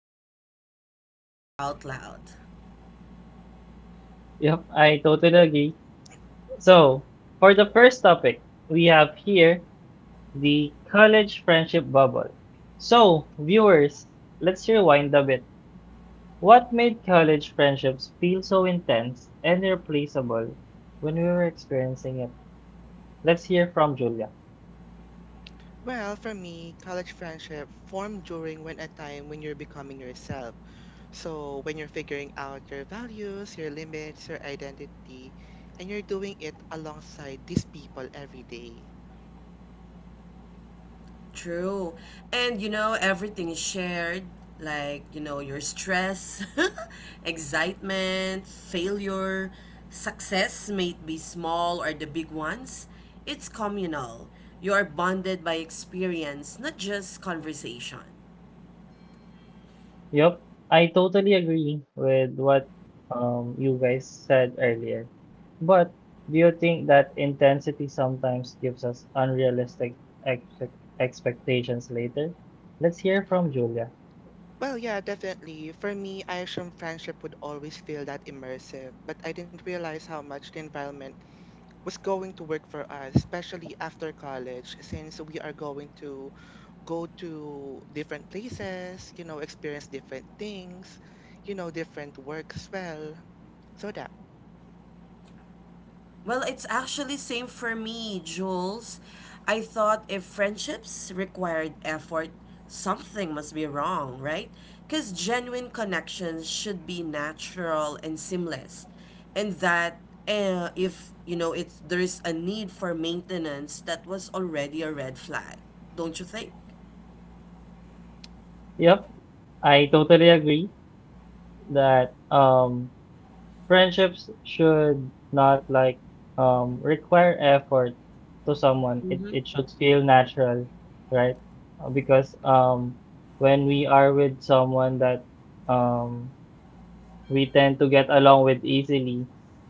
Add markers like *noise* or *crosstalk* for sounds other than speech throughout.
but rarely talk about out loud. Yep, I totally agree. So for the first topic, we have here the college friendship bubble. So, viewers, let's rewind a bit. What made college friendships feel so intense and irreplaceable when we were experiencing it? Let's hear from Julia. Well, for me, college friendship formed during when a time when you're becoming yourself. So, when you're figuring out your values, your limits, your identity, and you're doing it alongside these people every day. True. And you know, everything is shared like, your stress, *laughs* excitement, failure, success may it be small or the big ones. It's communal. You are bonded by experience, not just conversation. Yup, I totally agree with what you guys said earlier. But do you think that intensity sometimes gives us unrealistic expect expectations later? Let's hear from Julia. Well, yeah, definitely. For me, I assumed friendship would always feel that immersive, but I didn't realize how much the environment was going to work for us, especially after college, since we are going to go to different places, experience different things, different work as well. So that, Well, it's actually same for me, Jules. I thought if friendships required effort, something must be wrong, right? Because genuine connections should be natural and seamless, and that if you know it's there is a need for maintenance, that was already a red flag, don't you think? Yup, I totally agree that friendships should not like require effort to someone it Mm-hmm. it should feel natural right. Because when we are with someone that um we tend to get along with easily,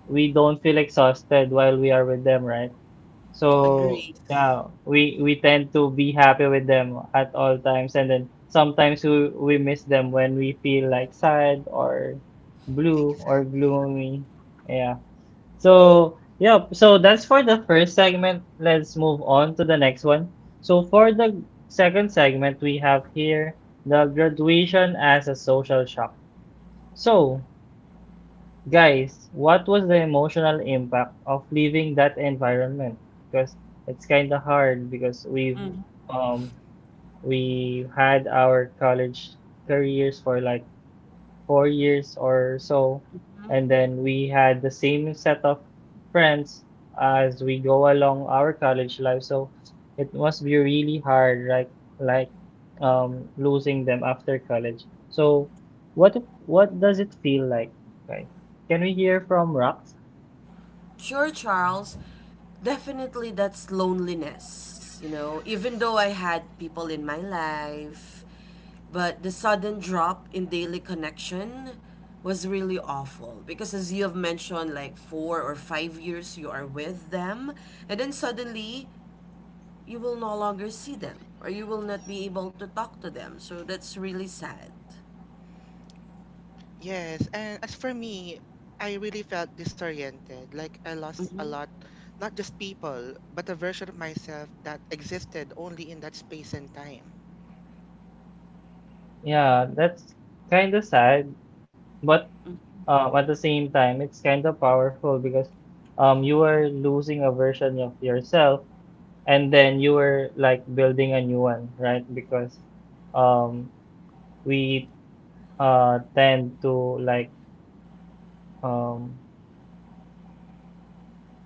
we don't feel exhausted while we are with them, right? So yeah, Agree. yeah, we tend to be happy with them at all times, and then sometimes we miss them when we feel like sad or blue or exactly. gloomy. Yeah. So yeah, so that's for the first segment. Let's move on to the next one. So for the second segment, we have here the graduation as a social shock. So guys, what was the emotional impact of leaving that environment? Because it's kind of hard because um we had our college careers for like 4 years or so. And then we had the same set of friends as we go along our college life. So it must be really hard, like losing them after college. So what what does it feel like? Right. Can we hear from Rox? Sure, Charles. Definitely that's loneliness, you know, even though I had people in my life. But the sudden drop in daily connection was really awful because, as you have mentioned, like 4 or 5 years you are with them, and then suddenly you will no longer see them or you will not be able to talk to them. So that's really sad. Yes, and as for me, I really felt disoriented. Like I lost a Mm-hmm. lot, not just people, but a version of myself that existed only in that space and time. Yeah, that's kind of sad, but at the same time, it's kind of powerful because you are losing a version of yourself and then you were like building a new one, right? Because um we tend to like, um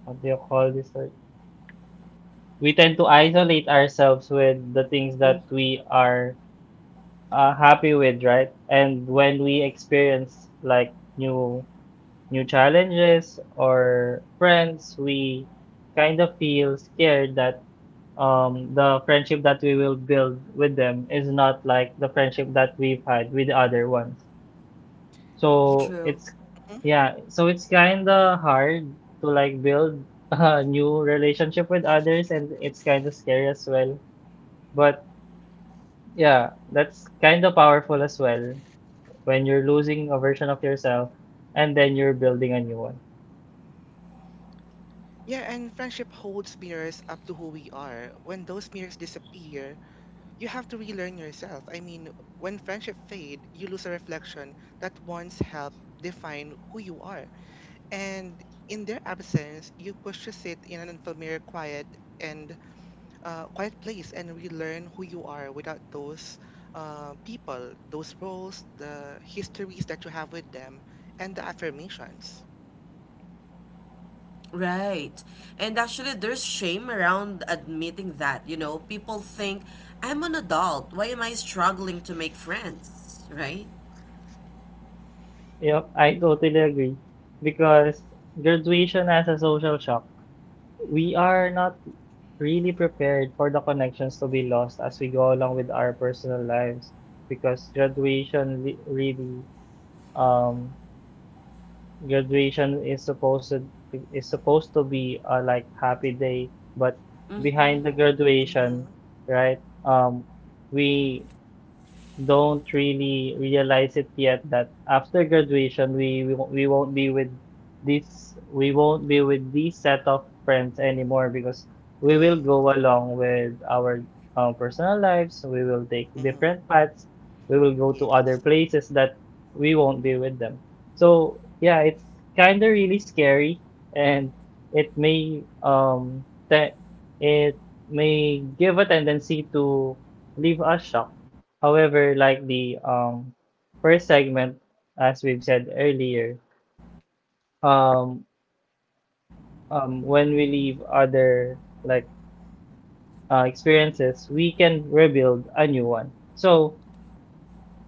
what do you call this? Like, we tend to isolate ourselves with the things that we are happy with, right? And when we experience like new challenges or friends, we kind of feel scared that the friendship that we will build with them is not like the friendship that we've had with the other ones. Yeah, So True. it's, mhm. yeah, so it's kind of hard to like build *laughs* a new relationship with others, and it's kind of scary as well. But yeah, that's kind of powerful as well when you're losing a version of yourself and then you're building a new one. Yeah, and friendship holds mirrors up to who we are. When those mirrors disappear, you have to relearn yourself. I mean, when friendship fade, you lose a reflection that once helped define who you are. And in their absence, you push to sit in an unfamiliar quiet and quiet place and relearn who you are without those people, those roles, the histories that you have with them, and the affirmations. Right. And actually, there's shame around admitting that. You know, people think, I'm an adult. Why am I struggling to make friends? Right? Yep, I totally agree. Because graduation has a social shock. We are not really prepared for the connections to be lost as we go along with our personal lives because graduation li- really um graduation is is supposed to be a like happy day, but behind the graduation, Mm-hmm. right, we don't really realize it yet that after graduation we won't be with this we won't be with this set of friends anymore, because we will Yes. go along with our personal lives, we will take Mm-hmm. different paths, we will go to other Yes. places that we won't be with them. So yeah, it's kind of really scary, and it may te- it may give a tendency to leave us shocked. However, like the first segment, as we've said earlier, um, when we leave other like experiences, we can rebuild a new one. So,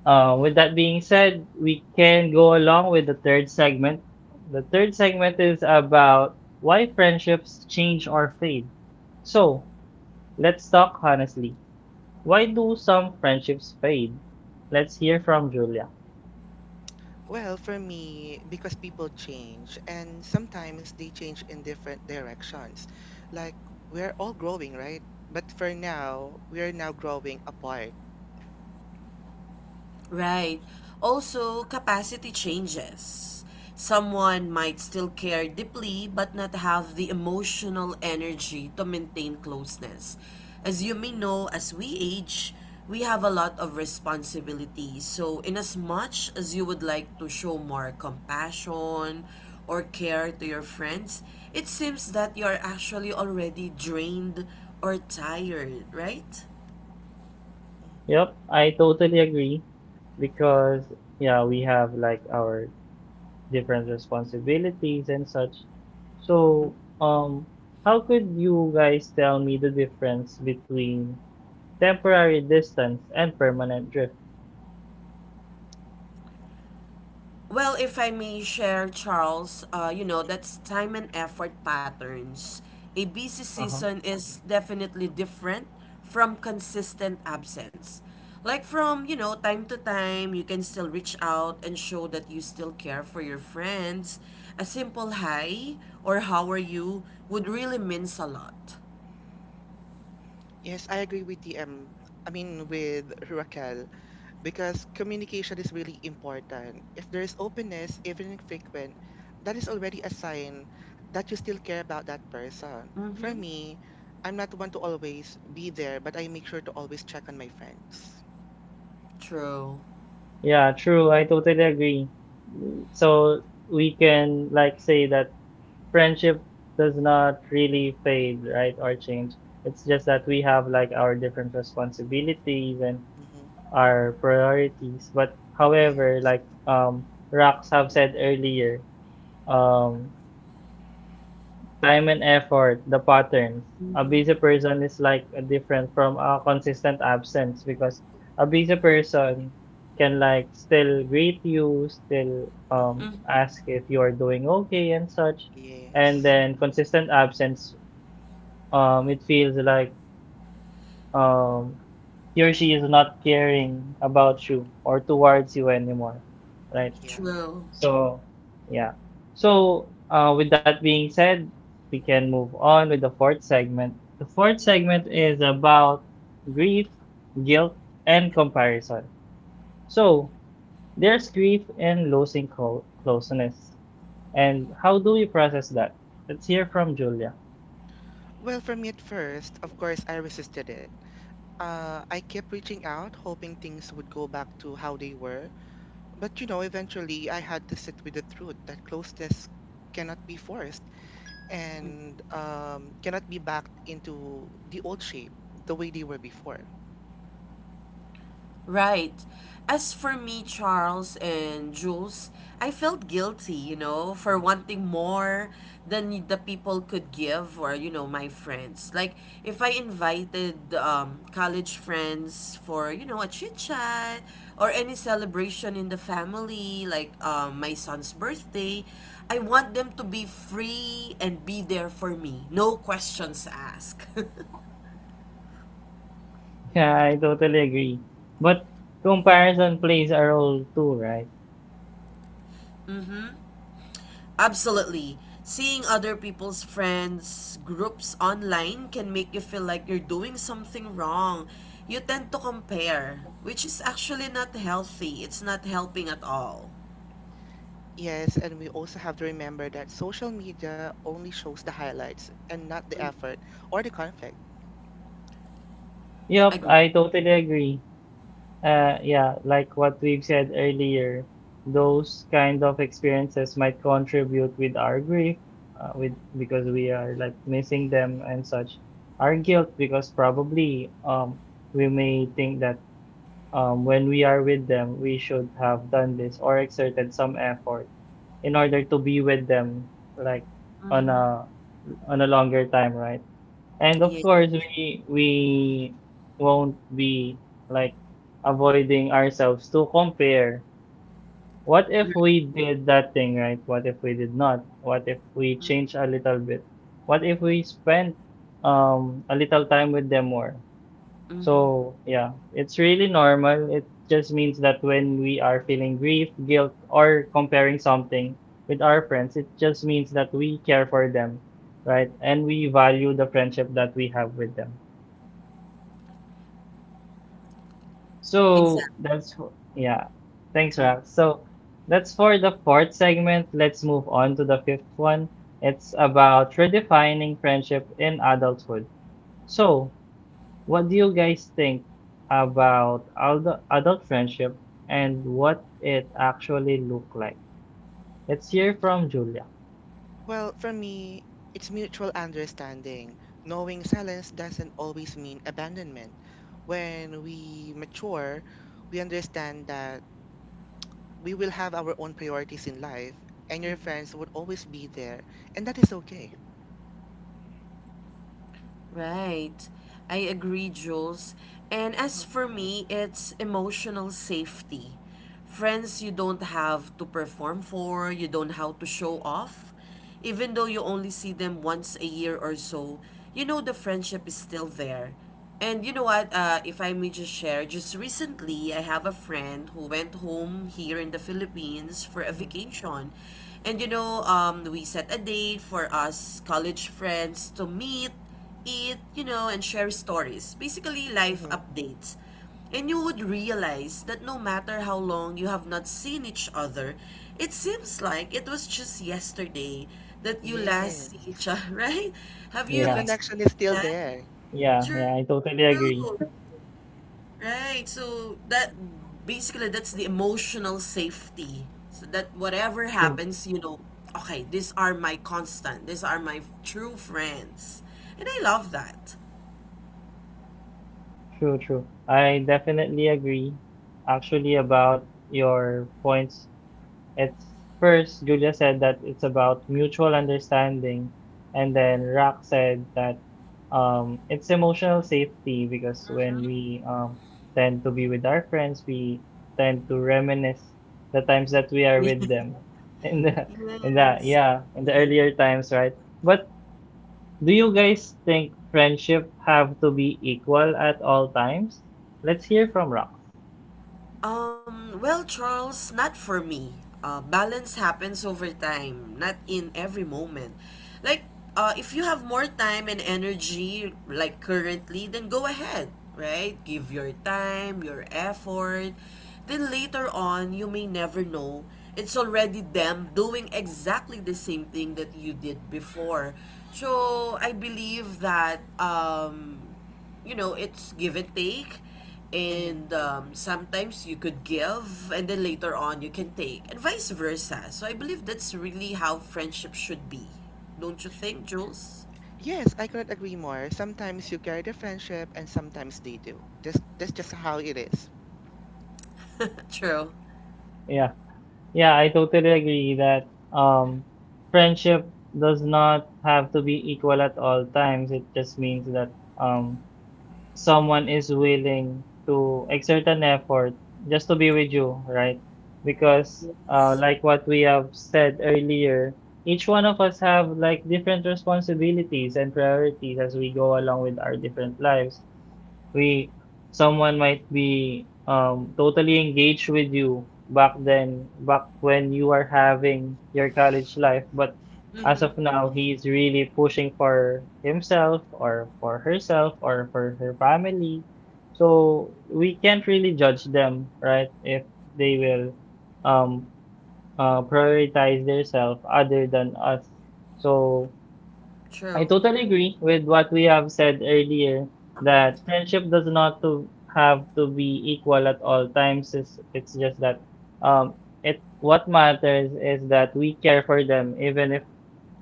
with that being said, we can go along with the third segment. The third segment is about why friendships change or fade. So, let's talk honestly. Why do Mhm. some friendships fade? Let's hear from Julia. Well, for me, because people change and sometimes they change in different directions. Like we're all growing, right? But for now, we are now growing apart. Right. Also, capacity changes. Someone might still care deeply but not have the emotional energy to maintain closeness. As you may know, as we age, we have a lot of responsibilities. So, in as much as you would like to show more compassion or care to your friends, it seems that you are actually already drained or tired, right? Mhm. Yep, I totally agree. Because yeah, we have like our different responsibilities and such. So, how could you guys tell me the difference between temporary distance and permanent drift? Well, if I may share, Charles, you know, that's time and effort patterns. A busy Uh-huh. season is definitely different from consistent absence. Like from, you know, time to time, you can still reach out and show that you still care for your friends. A simple hi or how are you would really means a lot. Yes, I agree with DM. I mean, with Raquel. Because communication is really important. If there is openness, even in frequent, that is already a sign that you still care about that person. For Mm-hmm. me, I'm not one to always be there, but I make sure to always check on my friends. True. Yeah, true. I totally agree. So we can like say that friendship does not really fade, right, or change. It's just that we have like our different responsibilities and Mm-hmm. our priorities. But Yeah. however, like Rox have said earlier, um, time and effort, the patterns. A Hmm. busy person is like different from a consistent absence, because a busy person can like still greet you, still Mm-hmm. ask if you are doing okay and such. And Yes. then consistent absence, it feels like um, he or she is not caring about you or towards you anymore, right? Yeah. True. So, yeah. So, with that being said, we can move on with the fourth segment. The fourth segment is about grief, guilt, and comparison. So, there's grief in losing closeness. And how do we process that? Let's hear from Julia. *laughs* Well, for me at first, of course, I resisted it. I kept reaching out, hoping things would go back to how they were. But you know, eventually, I had to sit with the truth that closeness cannot be forced and cannot be backed into the old shape the way they were before. Right. As for me, Charles and Jules, I felt guilty, you know, for wanting more than the people could give or, you know, my friends. Like, if I invited college friends for, you know, a chit chat or any celebration in the family, like my son's birthday, I want them to be free and be there for me. No questions asked. Yeah, I totally agree. But comparison plays a role too, right? *laughs* Absolutely. Seeing other people's friends, groups online can make you feel like you're doing something wrong. You tend to compare, which is actually not healthy. It's not helping at all. Yes, and we also have to remember that social media only shows the highlights and not the effort or the conflict. Yup, Agree. I totally agree. Yeah, like what we've said earlier, those kind of experiences might contribute with our grief, with, because we are like missing them and such. Our guilt, because probably we may think that when we are with them we should have done this or exerted some effort in order to be with them, like on Mm-hmm. a on a longer time, right? And of Yeah. course, we won't be like avoiding ourselves to compare. What if we did that thing right? What if we did not? What if we change Mm-hmm. a little bit? What if we spent a little time with them more? Mm-hmm. So yeah, it's really normal. It just means that when we are feeling grief, guilt, or comparing something with our friends, it just means that we care for them, right? And we value the friendship that we have with them. So Exactly. that's yeah. Thanks, Ralph. Mm-hmm. So that's for the fourth segment. Let's move on to the fifth one. It's about redefining friendship in adulthood. So, what do you guys think about adult friendship and what it actually look like? Let's hear from Julia. Well, for me, it's mutual understanding. Knowing silence doesn't always mean abandonment. When we mature, we understand that we will have our own priorities in life, and your friends would always be there, and that is okay. Right. I agree, Jules. And as Mm-hmm, for me, it's emotional safety. Friends you don't have to perform for, you don't have to show off. Even though you only see them once a year or so, you know the friendship is still there. And you know what, if I may just share, just recently I have a friend who went home here in the Philippines for a mm-hmm, vacation. And you know, we set a date for us college friends to meet eat, you know, and share stories. Basically, life mm-hmm. updates. And you would realize that no matter how long you have not seen each other, it seems like it was just yesterday that you Yeah. last see each other, *laughs* right? Have The you Yeah, connection is experienced still that? there. yeah, yeah. I True, totally agree. right? So that basically that's the emotional safety. So that whatever True, happens, you know, okay, these are my constant. These are my true friends. And I love that. true, true. I definitely agree actually about your points. At first, Julia said that it's about mutual understanding, and then Rock said that it's emotional safety, because when we tend to be with our friends, we tend to reminisce the times that we are with them. *laughs* In the, Yes. yeah, in the Hmm. earlier times, right? But do you guys think friendship have to be equal at all times? Let's hear from Rock. Well, Charles, not for me. Balance happens over time, not in every moment. Like, if you have more time and energy, like currently, then go ahead, right? Give your time, your effort. Then later on, you may never know. It's already them doing exactly the same thing that you did before. So, I believe that you know, it's give and take. Hmm. And Sometimes you could give, and then later on you can take, and vice versa. So I believe that's really how friendship should be. Don't you think, Jules? Yes, I couldn't agree more. Sometimes you carry the friendship, and sometimes they do. This That's just how it is. True. Yeah. Yeah, I totally agree that friendship does not have to be equal at all times. It just means that um, someone is willing to exert an effort just to be with you, right? Because Yes. like what we have said earlier, each one of us have like different responsibilities and priorities as we go along with our different lives. We, someone might be totally engaged with you back then, back when you are having your college life, but as Mm-hmm. of now, he's really pushing for himself or for herself or for her family. So we can't really judge them, right? If they will um, prioritize themselves other than us. So I True. totally agree with what we have said earlier that friendship does not to have to be equal at all times. It's just that um, it what matters is that we care for them even if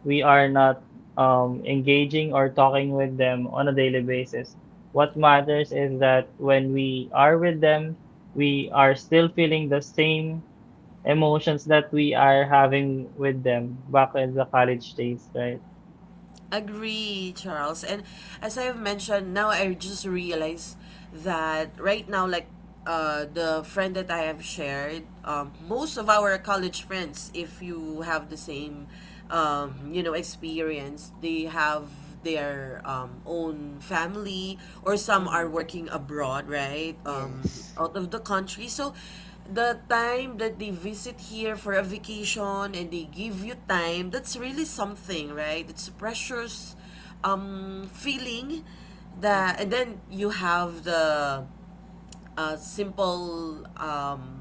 we are not engaging or talking with them on a daily basis. What matters is that when we are with them, we are still feeling the same emotions that we are having with them back in the college days, right? Agree, Charles. And as I've mentioned, now I just realize that right now, like the friend that I have shared, most of our college friends, if you have the same, you know, experience, they have their own family or some are Mm-hmm. working abroad right Yes. out of the country, so the time that they visit here for a vacation and they give you time, that's really something, right? It's a precious feeling that, Mm-hmm. and then you have the simple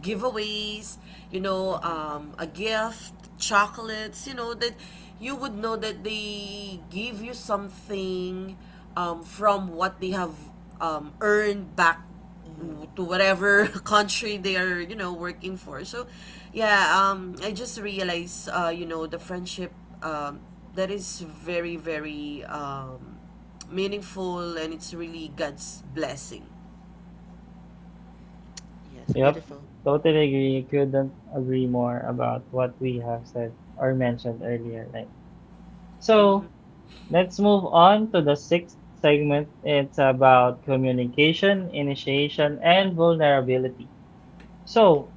giveaways, you know, Mm-hmm. A gift, chocolates, you know, that you would know that they give you something from what they have earned back Mm-hmm. to whatever *laughs* country they are, you know, working for. So, yeah, I just realized, you know, the friendship um, that is very, very meaningful, and it's really God's blessing. Yes, Yep, beautiful. totally agree. Couldn't agree more about what we have said or mentioned earlier, right? So let's move on to the sixth segment. It's about communication, initiation, and vulnerability. So,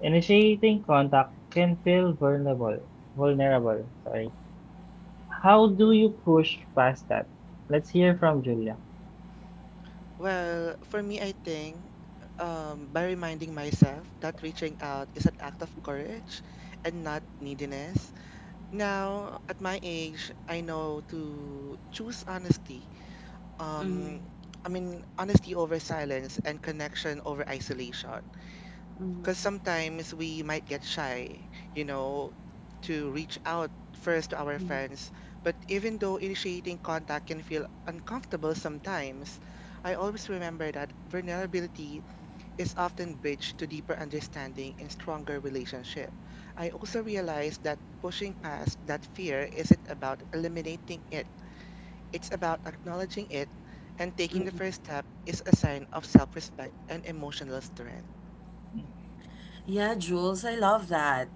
initiating contact can feel vulnerable. Vulnerable, sorry. How do you push past that? Let's hear from Julia. Well, for me, I think by reminding myself that reaching out is an act of courage and not neediness. Now, at my age, I know to choose honesty, Mhm. um I mean honesty over silence and connection over isolation, Mm, because sometimes we might get shy, you know, to reach out first to our mm, friends. But even though initiating contact can feel uncomfortable sometimes, I always remember that vulnerability is often bridged to deeper understanding and stronger relationship. I also realized that pushing past that fear isn't about eliminating it. It's about acknowledging it, and taking the mm. first step is a sign of self-respect and emotional strength. Yeah, Jules, I love that.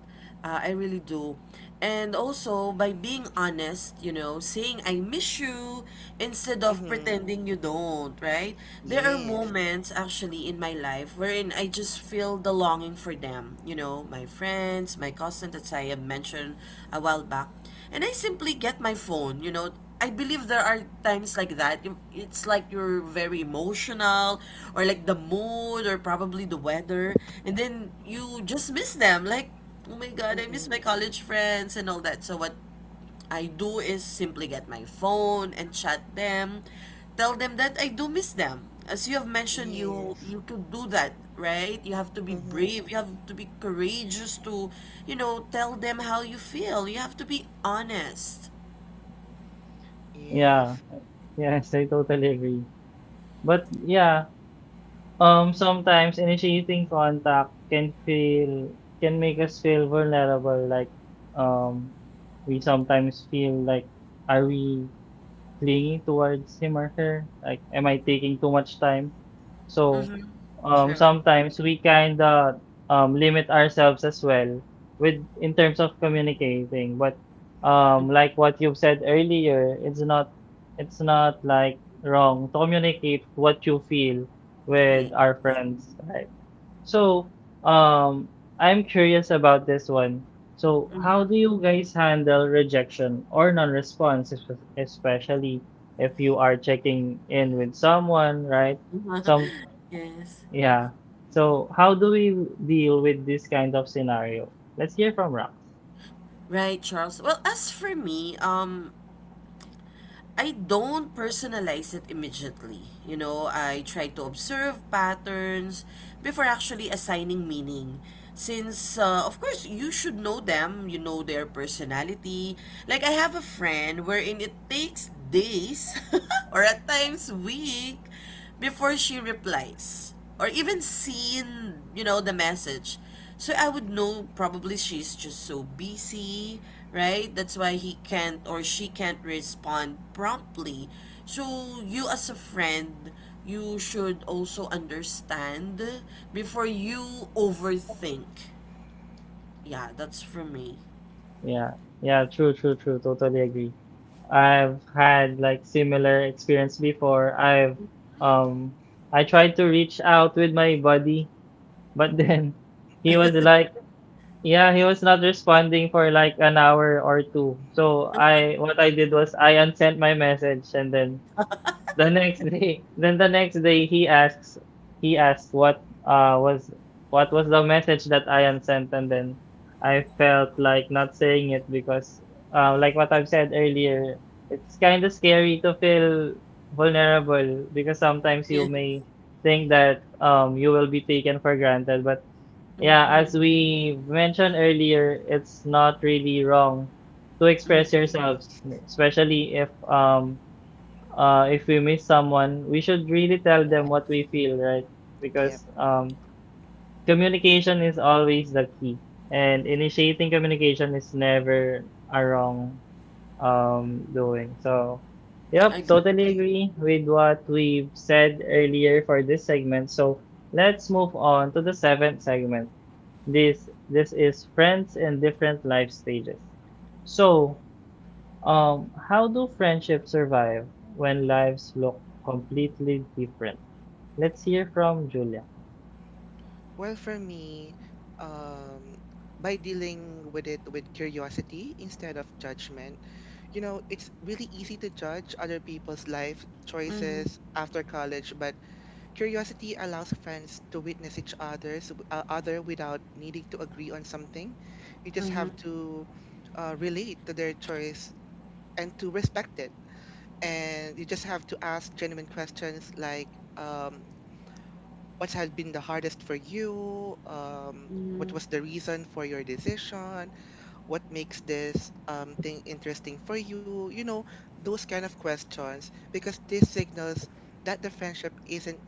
I really do. And also, by being honest, you know, saying I miss you instead of Mm-hmm. pretending you don't, right? There are Yes. moments actually in my life wherein I just feel the longing for them, you know, my friends, my cousin that I have mentioned a while back. And I simply get my phone. You know, I believe there are times like that. It's like you're very emotional, or like the mood, or probably the weather, and then you just miss them. Like, oh my god, I miss Mm-mm. my college friends and all that. So what I do is simply get my phone and chat them, tell them that I do miss them. As you have mentioned, you Yes. you could do that, right? You have to be Mm-hmm. brave. You have to be courageous to, you know, tell them how you feel. You have to be honest. Yeah, Yes. yes, I totally agree. But yeah, sometimes initiating contact can feel can make us feel vulnerable. Like, um, we sometimes feel like, are we clinging towards him or her? Like, am I taking too much time? So Mm-hmm. True. sometimes we kind of limit ourselves as well with in terms of communicating. But Mm. Like what you've said earlier, it's not, it's not like wrong to communicate what you feel Yeah. with our friends, right? So um, I'm curious about this one. So how Mm-hmm. do you guys handle rejection or non-response, especially if you are checking in with someone, right? some *laughs* Yes. yeah. So how do we deal with this kind of scenario? Let's hear from Rox. Right, Charles. Well, as for me, I don't personalize it immediately. You know, I try to observe patterns before actually assigning meaning. Since, of course, you should know them, you know their personality. Like, I have a friend wherein it takes days *laughs* or at times week before she replies or even seen, you know, the message. So I would know probably she's just so busy, right? That's why he can't or she can't respond promptly. So you as a friend, you should also understand before you overthink. Yeah, that's for me. Yeah. Yeah, true, true, true. Totally agree. I've had like similar experience before. Um I tried to reach out with my buddy, but *laughs* then he was like yeah, he was not responding for like an hour or two. So I what I did was I unsent my message, and then the next *laughs* day then the next day he asks he asks what uh was what was the message that Ian sent, and then I felt like not saying it because like what I've said earlier, it's kind of scary to feel vulnerable because sometimes you Yes. may think that you will be taken for granted. But yeah, as Mm-hmm. we mentioned earlier, it's not really wrong to express Mm-hmm. yourselves, Yes. especially if we miss someone, we should really tell them Yes. what we feel, right? Yep. Because communication is always the key, and initiating communication is never a wrong doing. So, I yep, agree. totally Exactly. agree with what we've said earlier for this segment. So let's move on to the seventh segment. This is friends in different life stages. So how do friendships survive when lives look completely different? Let's hear from Julia. Well, for me, um, by dealing with it with curiosity instead of judgment. You know, it's really easy to judge other people's life Mm-hmm. choices after college, but curiosity allows friends to witness each other's other without needing to agree on something. You just Mm-hmm. have to relate to their choice and to respect it. And you just have to ask genuine questions like, um, what has been the hardest for you? Mm-hmm. What was the reason for your decision? What makes this thing interesting for you? You know, those kind of questions, because this signals that the friendship isn't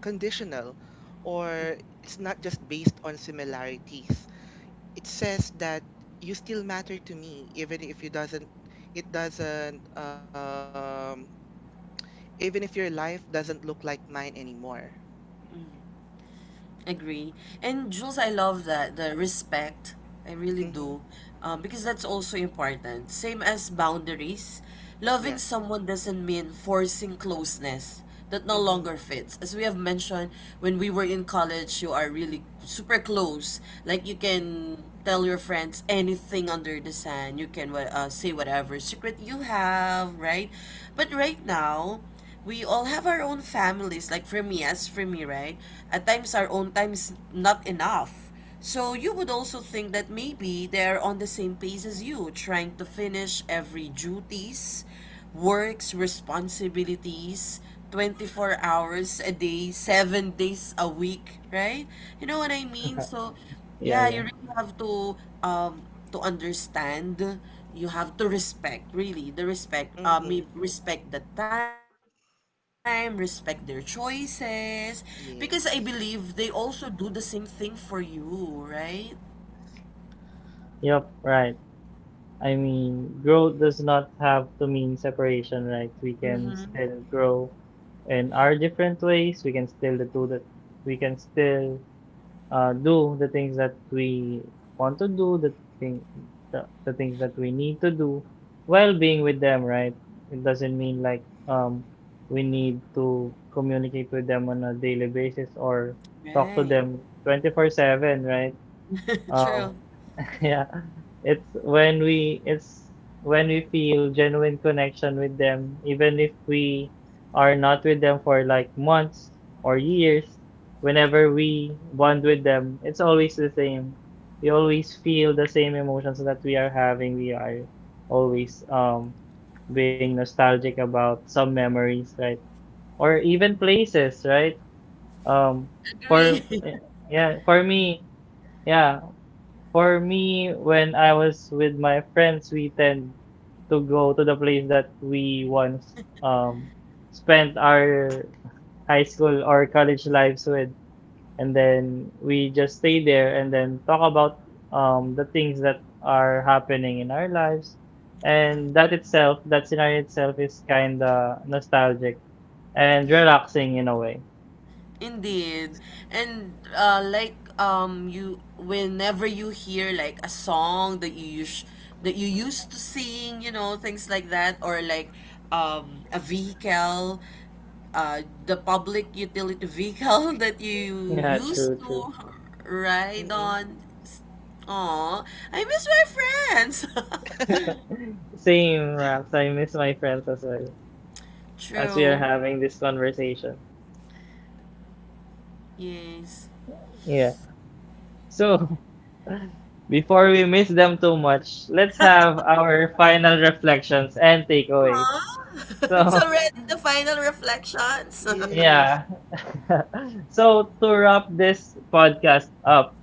conditional, or it's not just based on similarities. It says that you still matter to me even if you doesn't it doesn't even if your life doesn't look like mine anymore. Agree. And Jules, I love that, the respect. I really Mhm. do. Because that's also important. Same as boundaries. Loving Yes. someone doesn't mean forcing closeness that no Mhm. longer fits. As we have mentioned, when we were in college, you are really super close. Like you Mhm. can tell your friends anything under the sun. You can say whatever secret you have, right? But right now, we all have our own families. Like for me, as for me, right? At times, our own times not enough. So you would also think that maybe they're on the same pace as you, trying to finish every duties, works, responsibilities, 24 hours a day, 7 days a week, right? You know what I mean? So Yeah, yeah, yeah. you really have um to understand. You have to respect, really, the respect. I Mhm. me Respect the time, respect their choices, because I believe they also Yes. do the same thing for you, right? Yep, right. I mean, growth does not have to mean separation, right? We can Mm-hmm. still grow in our different ways. We can still do that. We can still do the things that we want to do, thing, the things that we need to do while being with them, right? It doesn't mean like we need to communicate with them on a daily basis or talk to Right. them 24/7, right? *laughs* Um, True. yeah, it's when we feel genuine connection with them, even if we are not with them for like months or years, whenever we bond with them, it's always the same. We always feel the same emotions that we are having. We are always being nostalgic about some memories, right? Or even places, right? Um Agree. for eh, yeah, for me, yeah, for me, when I was with my friends, we tend to go to the place that we once um, spent our high school or college Mhm. lives with, and then we just stay there and then talk about the things that are happening in our lives. And Mhm. that itself, that scenario itself, is kind of nostalgic and Yeah. relaxing in a way. Yeah. Indeed. And like you whenever you hear like a song that that you used to sing, you know, things like that or like a vehicle the public utility vehicle *laughs* that *laughs* you Yeah, used true, to true. ride Mhm. on. Oh, I miss my friends. Same, Rax. I miss my friends as well, *laughs* as we are True. having this conversation. Yes. Yeah. So, *laughs* before we miss them too much, let's have our final reflections and takeaways. Aw, *laughs* it's So, already the final reflections. *laughs* *laughs* Yes. yeah. *laughs* So, to wrap this podcast up,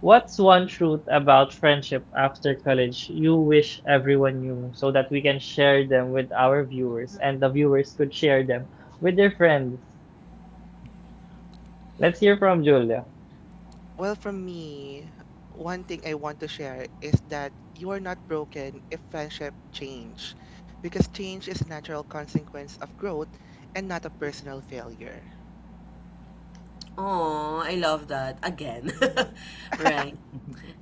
what's one truth about friendship after college you wish everyone knew, so that we can share them with our viewers and the viewers could share them with their friends? Let's hear from Julia. Well, from me, one thing I want to share is that you are not broken if friendship change, because change is a natural consequence of growth and not a personal failure. Oh, I love that. Again. Mm-hmm, *laughs* Right.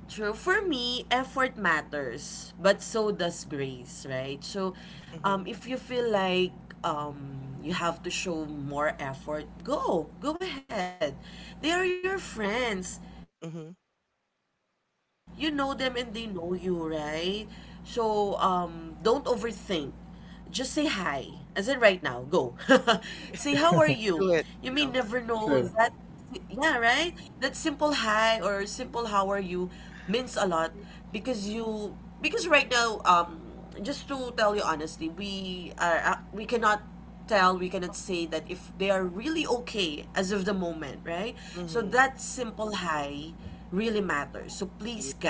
True. For me, effort matters, but so does grace, right? So, mm-hmm, if you feel like you have to show more effort, go. Go ahead. They are your friends. You know them and mm-hmm, they know you, right? So, don't overthink. hmm. Just say hi, as in right now, go. *laughs* Say, how are you? You may never know Do that, it now. yeah, Sure. right? That simple hi or simple how are you means a lot because because right now, just to tell you honestly, we cannot we cannot say that if they are really okay as of the moment, right? So that Mm-hmm. simple hi really matters. So please, Yeah. guys,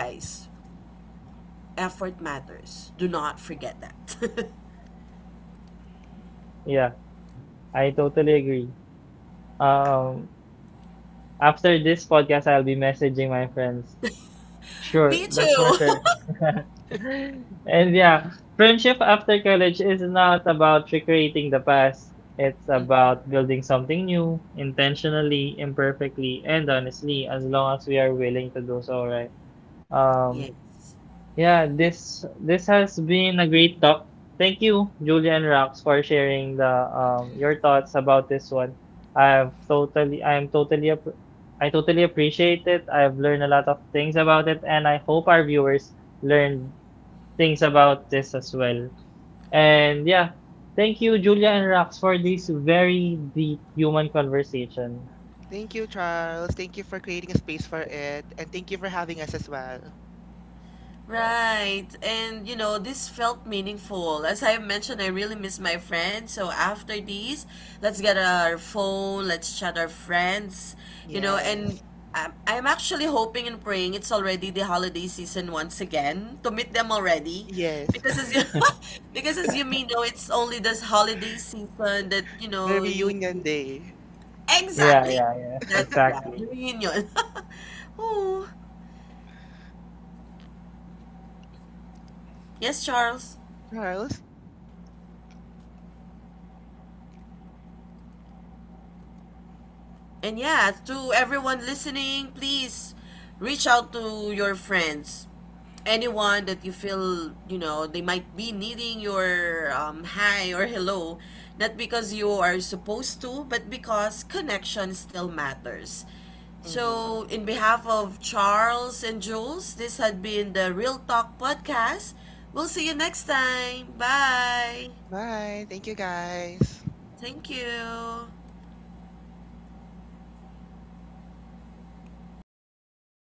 effort matters. Do not forget that. Yeah, I totally agree. Um, after this podcast, I'll be messaging my friends. *laughs* Me Sure, that's too. for sure. *laughs* And yeah, friendship after college is not about recreating the past. It's *laughs* Mhm. about building something new, intentionally, imperfectly, and honestly, as long as we are willing to do so, right? Um, Yes. yeah, this has been a great talk. Thank you, Julia and Rox, for sharing the your thoughts about this one. I've totally I'm totally appr- I totally appreciate it. I've learned a lot of things about it, and I hope our viewers learn things about this as well. And yeah, thank you, Julia and Rox, for this very deep human conversation. Thank you, Charles. Thank you for creating a space for it, and thank you for having us as well. Yeah, Right. And you know, this felt meaningful. As I mentioned, I really miss my friends. So after these, let's get our phone, let's chat our friends, you know, and Yes, I'm actually hoping and praying it's already the holiday season once again to meet them already. yes. Because as *laughs* you *laughs* because as you may know, it's only this holiday season that, you The know, you reunion day, yeah, Exactly. yeah. Yeah, That yeah, the exactly. reunion. *laughs* Oh, yes, Charles. Charles. And yeah, to everyone listening, please reach out to your friends. Anyone that you feel, you know, they might be needing your hi or hello, not because you are supposed to, but because connection still matters. Mm-hmm. So, in behalf of Charles and Jules, this had been the Real Talk Podcast. We'll see you next time. Bye. Bye. Thank you, guys. Thank you.